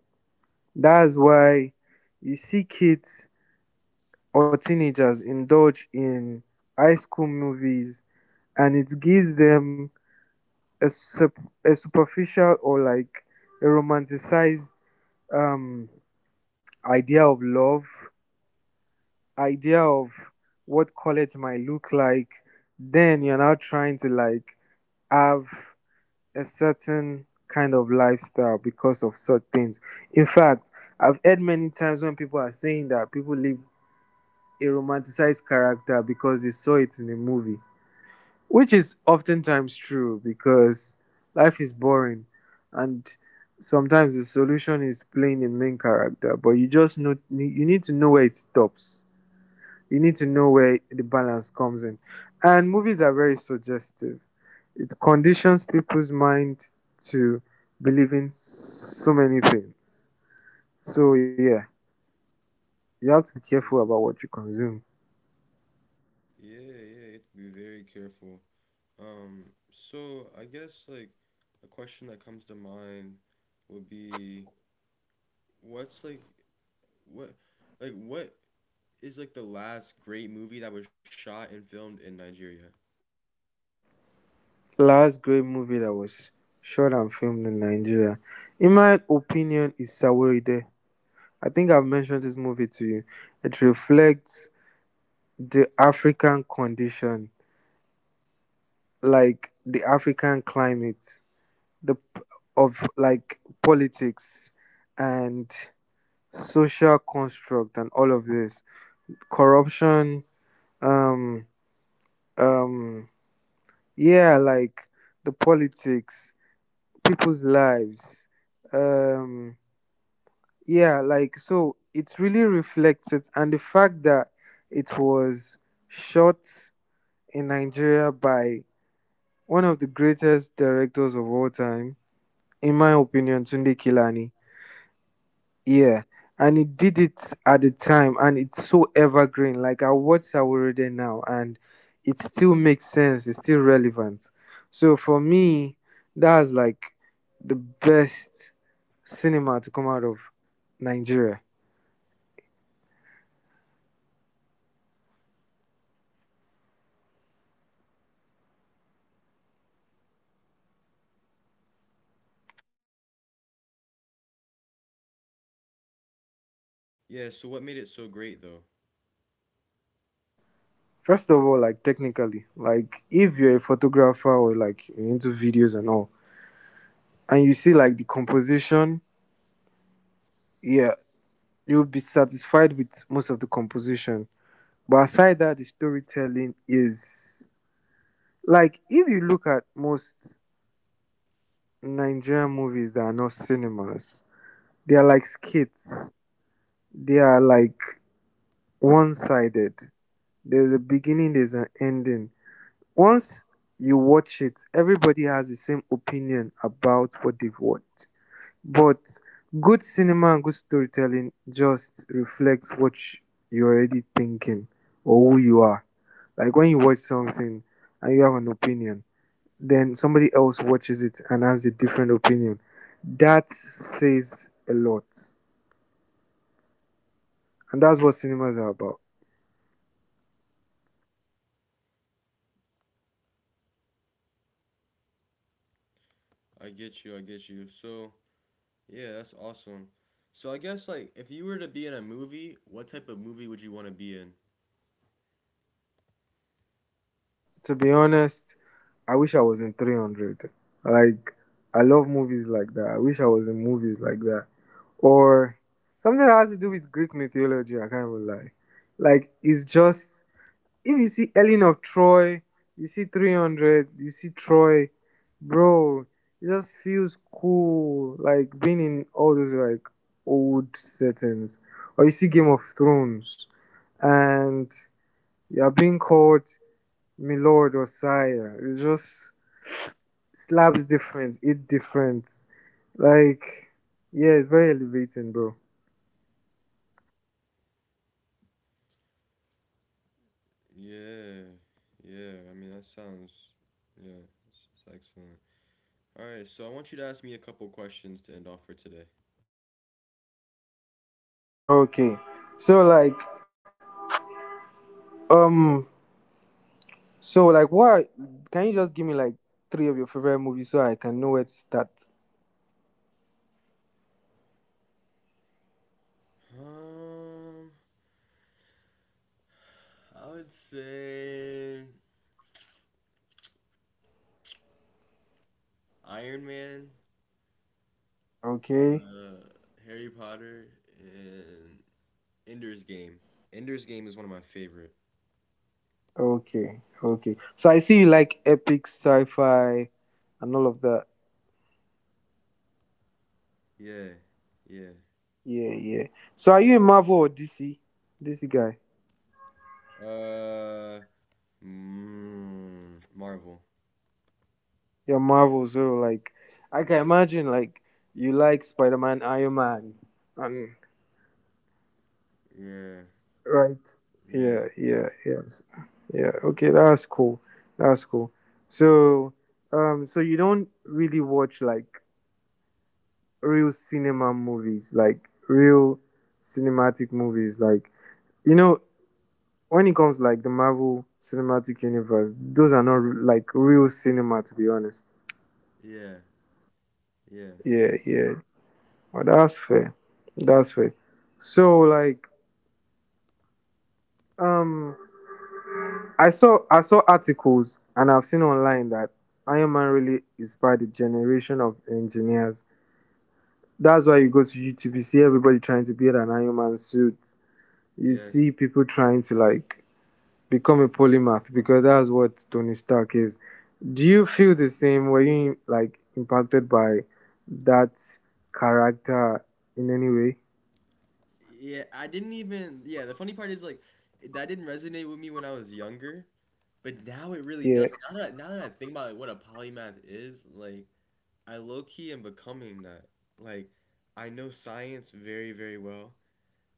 Speaker 2: That's why you see kids or teenagers indulge in high school movies and it gives them a, sup- a superficial or like a romanticized um, idea of love, idea of what college might look like. Then you're now trying to like have a certain kind of lifestyle because of such things. In fact, I've heard many times when people are saying that people live a romanticized character because they saw it in a movie, which is oftentimes true because life is boring and sometimes the solution is playing a main character, but you just know you need to know where it stops. You need to know where the balance comes in. And movies are very suggestive. It conditions people's mind to believe in so many things. So yeah, you have to be careful
Speaker 1: Yeah,
Speaker 2: about what you consume.
Speaker 1: yeah, yeah. You have to be very careful. Um, so I guess like a question that comes to mind would be what's like what like what is like the last great movie that was shot and filmed in Nigeria?
Speaker 2: Last great movie that was shot and filmed in Nigeria, in my opinion, is Saweride. I think I've mentioned this movie to you. It reflects the African condition, like the African climate, the p- of like politics and social construct and all of this corruption. Um, um, yeah, like the politics, people's lives. Um, yeah like so it really reflects it, and the fact that it was shot in Nigeria by one of the greatest directors of all time, in my opinion, Tunde Kilani. Yeah, and he did it at the time and it's so evergreen. Like I watch Sawarede now and it still makes sense, it's still relevant. So for me, that's like the best cinema to come out of Nigeria.
Speaker 1: Yeah, so what made it so great though?
Speaker 2: First of all, like technically, like if you're a photographer or like you're into videos and all, and you see like the composition, yeah, you'll be satisfied with most of the composition. But aside that, the storytelling is like if you look at most Nigerian movies that are not cinemas, they are like skits. They are like one sided. There's a beginning, there's an ending. Once you watch it, everybody has the same opinion about what they've watched. But good cinema and good storytelling just reflects what you're already thinking or who you are. Like when you watch something and you have an opinion, then somebody else watches it and has a different opinion. That says a lot. And that's what cinemas are about.
Speaker 1: I get you, I get you. So, yeah, that's awesome. So, I guess like if you were to be in a movie, what type of movie would you want to be in?
Speaker 2: To be honest, I wish I was in three hundred. Like, I love movies like that. I wish I was in movies like that. Or something that has to do with Greek mythology, I can't even lie. Like, it's just, if you see Ellen of Troy, you see three hundred, you see Troy, bro, it just feels cool. Like, being in all those, like, old settings. Or you see Game of Thrones, and you're being called Milord or Sire. It just slaps different, it different. Like, yeah, it's very elevating, bro.
Speaker 1: Yeah. Yeah, I mean that sounds yeah, it's, it's excellent. All right, so I want you to ask me a couple questions to end off for today.
Speaker 2: Okay, so like, um, so like, what? Can you just give me like three of your favorite movies so I can know where to start?
Speaker 1: Um, I would say Iron Man,
Speaker 2: Okay,
Speaker 1: uh, Harry Potter, and Ender's Game. Ender's Game is one of my favorite.
Speaker 2: okay, okay. So I see you like epic sci-fi and all of that.
Speaker 1: Yeah, yeah.
Speaker 2: Yeah, yeah. So are you a Marvel or D C? D C guy.
Speaker 1: Uh, mm, Marvel.
Speaker 2: Yeah, Marvel, so like I can imagine like you like Spider Man, Iron Man and
Speaker 1: Yeah,
Speaker 2: right.
Speaker 1: yeah,
Speaker 2: Yeah, yeah, yes. Yeah, okay, that's cool. That's cool. So um so you don't really watch like real cinema movies, like real cinematic movies, like you know, when it comes like the Marvel cinematic universe, those are not like real cinema to be honest.
Speaker 1: yeah, yeah,
Speaker 2: Yeah, yeah. Well, that's fair. That's fair. So like um I saw I saw articles and I've seen online that Iron Man really inspired the generation of engineers. That's why you go to YouTube, you see everybody trying to build an Iron Man suit. You
Speaker 1: yes.
Speaker 2: see people trying to like become a polymath because that's what Tony Stark is. Do you feel the same? Were you like impacted by that character in any way?
Speaker 1: Yeah, I didn't even. Yeah, the funny part is like that didn't resonate with me when I was younger, but now it really does. Now that now that I think about like what a polymath is, like I low key am becoming that. Like I know science very, very well.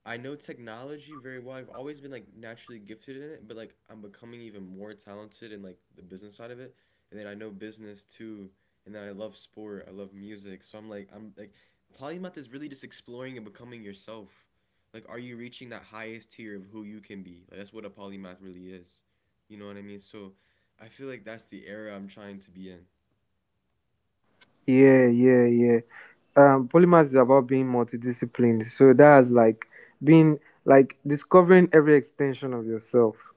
Speaker 1: I know technology very well. I've always been like naturally gifted in it, but like I'm becoming even more talented in like the business side of it. And then I know business too, and then I love sport, I love music. So I'm like I'm like polymath is really just exploring and becoming yourself. Like are you reaching that highest tier of who you can be? Like that's what a polymath really is. You know what I mean? So I feel like that's the era I'm trying to be in.
Speaker 2: Yeah, yeah, yeah. Um, polymath is about being multidisciplined. So that's like being like discovering every extension of yourself.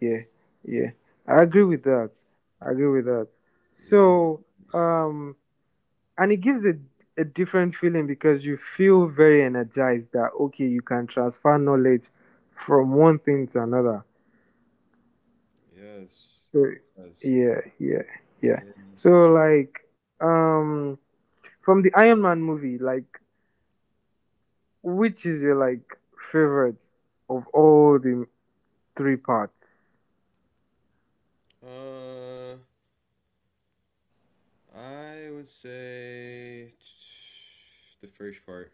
Speaker 2: Yeah, yeah. I agree with that. I agree with that.
Speaker 1: Yeah.
Speaker 2: So, um, and it gives a a different feeling because you feel very energized that okay, you can transfer knowledge from one thing to another.
Speaker 1: Yes.
Speaker 2: So,
Speaker 1: Yes.
Speaker 2: yeah, yeah, yeah.
Speaker 1: Yeah.
Speaker 2: So like, um, from the Iron Man movie, like which is your like favorite of all the three parts?
Speaker 1: Uh I would say the first part.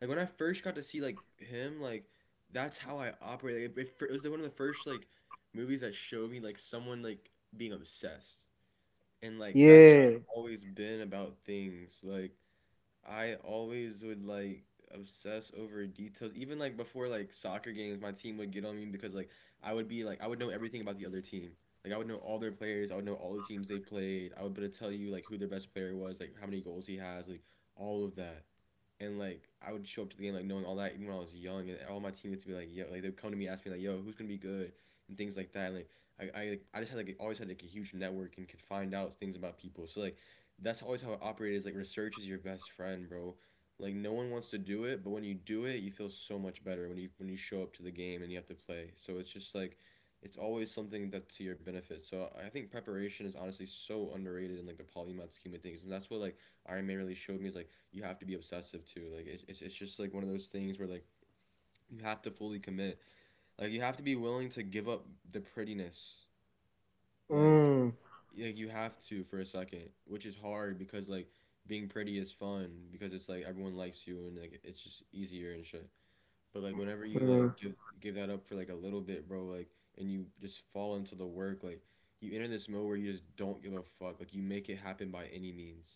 Speaker 1: Like when I first got to see like him, like that's how I operate. Like, it, it was one of the first like movies that showed me like someone like being obsessed, and like that's how
Speaker 2: Yeah.
Speaker 1: I've always been about things. Like I always would like obsess over details. Even like before like soccer games, my team would get on me because like I would be like I would know everything about the other team. Like I would know all their players. I would know all the teams they played. I would be able to tell you like who their best player was, like how many goals he has, like all of that. And like I would show up to the game like knowing all that even when I was young, and all my teammates would be like, yo, like they'd come to me ask me like, yo, who's gonna be good and things like that. And like I I, like, I just had like always had like a huge network and could find out things about people. So like that's always how it operates. Like research is your best friend, bro. Like no one wants to do it, but when you do it you feel so much better when you when you show up to the game and you have to play. So it's just like it's always something that's to your benefit. So I think preparation is honestly so underrated in like the polymath scheme of things. And that's what like Iron Man really showed me is like you have to be obsessive too. Like it's, it's, it's just like one of those things where like you have to fully commit. Like you have to be willing to give up the prettiness, like
Speaker 2: Mm,
Speaker 1: like you have to, for a second, which is hard because like being pretty is fun because it's like everyone likes you and like it's just easier and shit. But like whenever you like
Speaker 2: mm,
Speaker 1: give give that up for like a little bit, bro, like and you just fall into the work, like you enter this mode where you just don't give a fuck. Like you make it happen by any means.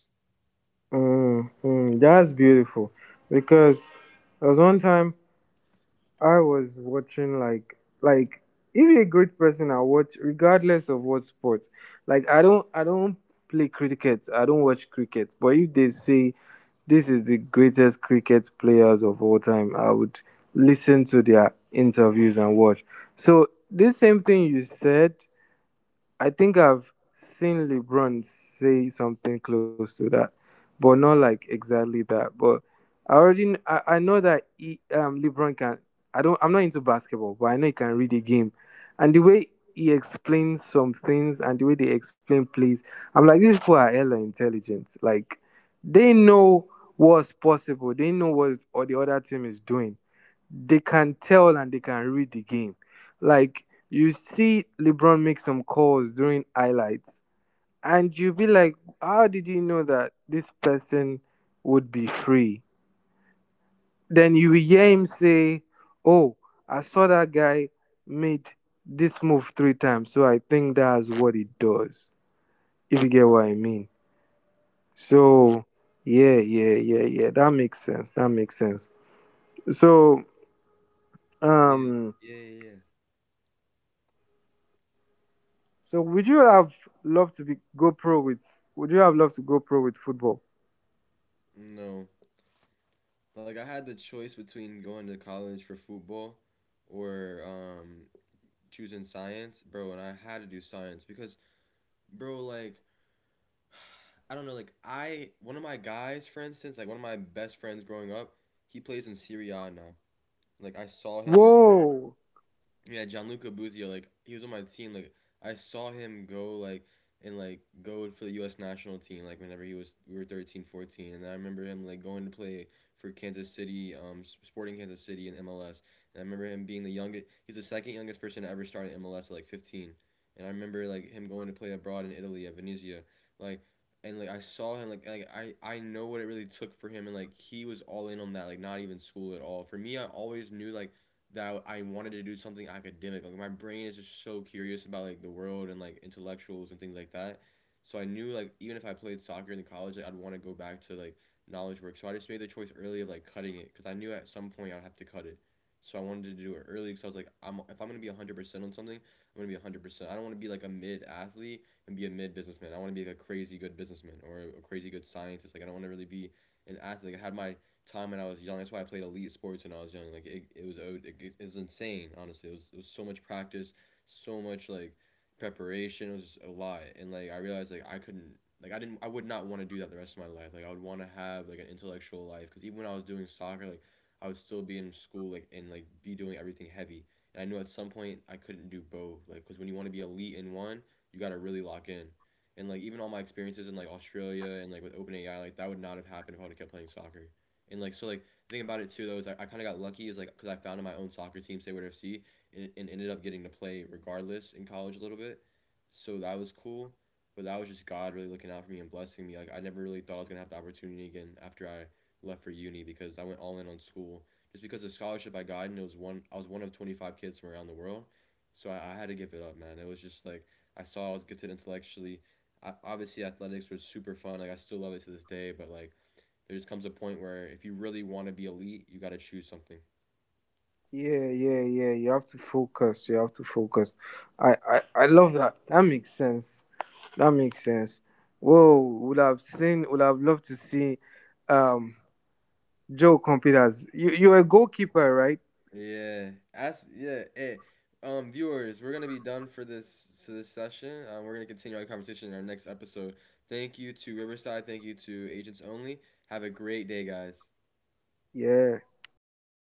Speaker 2: mm, mm. That's beautiful. Because there was one time I was watching like like if you're a great person, I watch regardless of what sports. Like I don't I don't play cricket. I don't watch cricket. But if they say this is the greatest cricket players of all time, I would listen to their interviews and watch. So this same thing you said I think I've seen LeBron say something close to that, but not like exactly that. But I already kn- I, I know that he, um LeBron can. I don't. I'm not into basketball, but I know he can read a game, and the way he explains some things and the way they explain plays, I'm like these people are hella intelligent. Like they know what's possible. They know what or the other team is doing. They can tell and they can read the game like you see LeBron make some calls during highlights, and you'll be like, how did you know that this person would be free? Then you will hear him say, oh, I saw that guy made this move three times, so I think that's what it does. If you get what I mean. So yeah, yeah, yeah, yeah. That makes sense. That makes sense. So
Speaker 1: Yeah,
Speaker 2: um
Speaker 1: yeah, yeah, yeah.
Speaker 2: so would you have loved to be go pro with would you have loved to go pro with football?
Speaker 1: No. Like I had the choice between going to college for football or um choosing science, bro, and I had to do science because, bro, like I don't know, like I one of my guys, for instance, like one of my best friends growing up, he plays in Serie A now. Like I saw him,
Speaker 2: Whoa.
Speaker 1: yeah, Gianluca Buzio, like he was on my team. Like I saw him go like and like go for the U S national team. Like whenever he was, we were thirteen, fourteen, and I remember him like going to play for Kansas City, um, Sporting Kansas City in M L S. And I remember him being the youngest. He's the second youngest person to ever start in M L S at like fifteen. And I remember like him going to play abroad in Italy at Venezia, like. And like I saw him, like like I I know what it really took for him, and like he was all in on that, like not even school at all. For me, I always knew like that I, I wanted to do something academic. Like my brain is just so curious about like the world and like intellectuals and things like that. So I knew like even if I played soccer in college, like I'd want to go back to like knowledge work. So I just made the choice early of like cutting it because I knew at some point I'd have to cut it. So I wanted to do it early because I was like, I'm if I'm gonna be a hundred percent on something, I'm gonna be a hundred percent. I don't want to be like a mid athlete and be a mid businessman. I want to be like a crazy good businessman or a, a crazy good scientist. Like I don't want to really be an athlete. Like I had my time when I was young. That's why I played elite sports when I was young. Like it, it was it, it was insane. Honestly, it was it was so much practice, so much like preparation. It was just a lot, and like I realized like I couldn't like I didn't I would not want to do that the rest of my life. Like I would want to have like an intellectual life because even when I was doing soccer, like I would still be in school like and like be doing everything heavy. And I knew at some point I couldn't do both. Like because when you want to be elite in one, you gotta really lock in. And like even all my experiences in like Australia and like with OpenAI, like that would not have happened if I would have kept playing soccer. And like so, like the thing about it too though is I, I kind of got lucky is like because I founded my own soccer team, Sayward F C, and, and ended up getting to play regardless in college a little bit, so that was cool. But that was just God really looking out for me and blessing me. Like I never really thought I was gonna have the opportunity again after I left for uni because I went all in on school just because the scholarship I got, and it was one I was one of twenty five kids from around the world, so I, I had to give it up, man. It was just like I saw I was gifted intellectually. I, obviously, athletics was super fun. Like I still love it to this day, but like there just comes a point where if you really want to be elite, you got to choose something.
Speaker 2: Yeah, yeah, yeah. You have to focus. You have to focus. I, I, I love that. That makes sense. That makes sense. Whoa. Would have seen. Would have loved to see, um, Joe compete as you. You're a goalkeeper, right?
Speaker 1: Yeah. As yeah. Hey, um, viewers, we're gonna be done for this so this session. Um, we're gonna continue our conversation in our next episode. Thank you to Riverside. Thank you to Agents Only. Have a great day, guys.
Speaker 2: Yeah.
Speaker 1: Oh,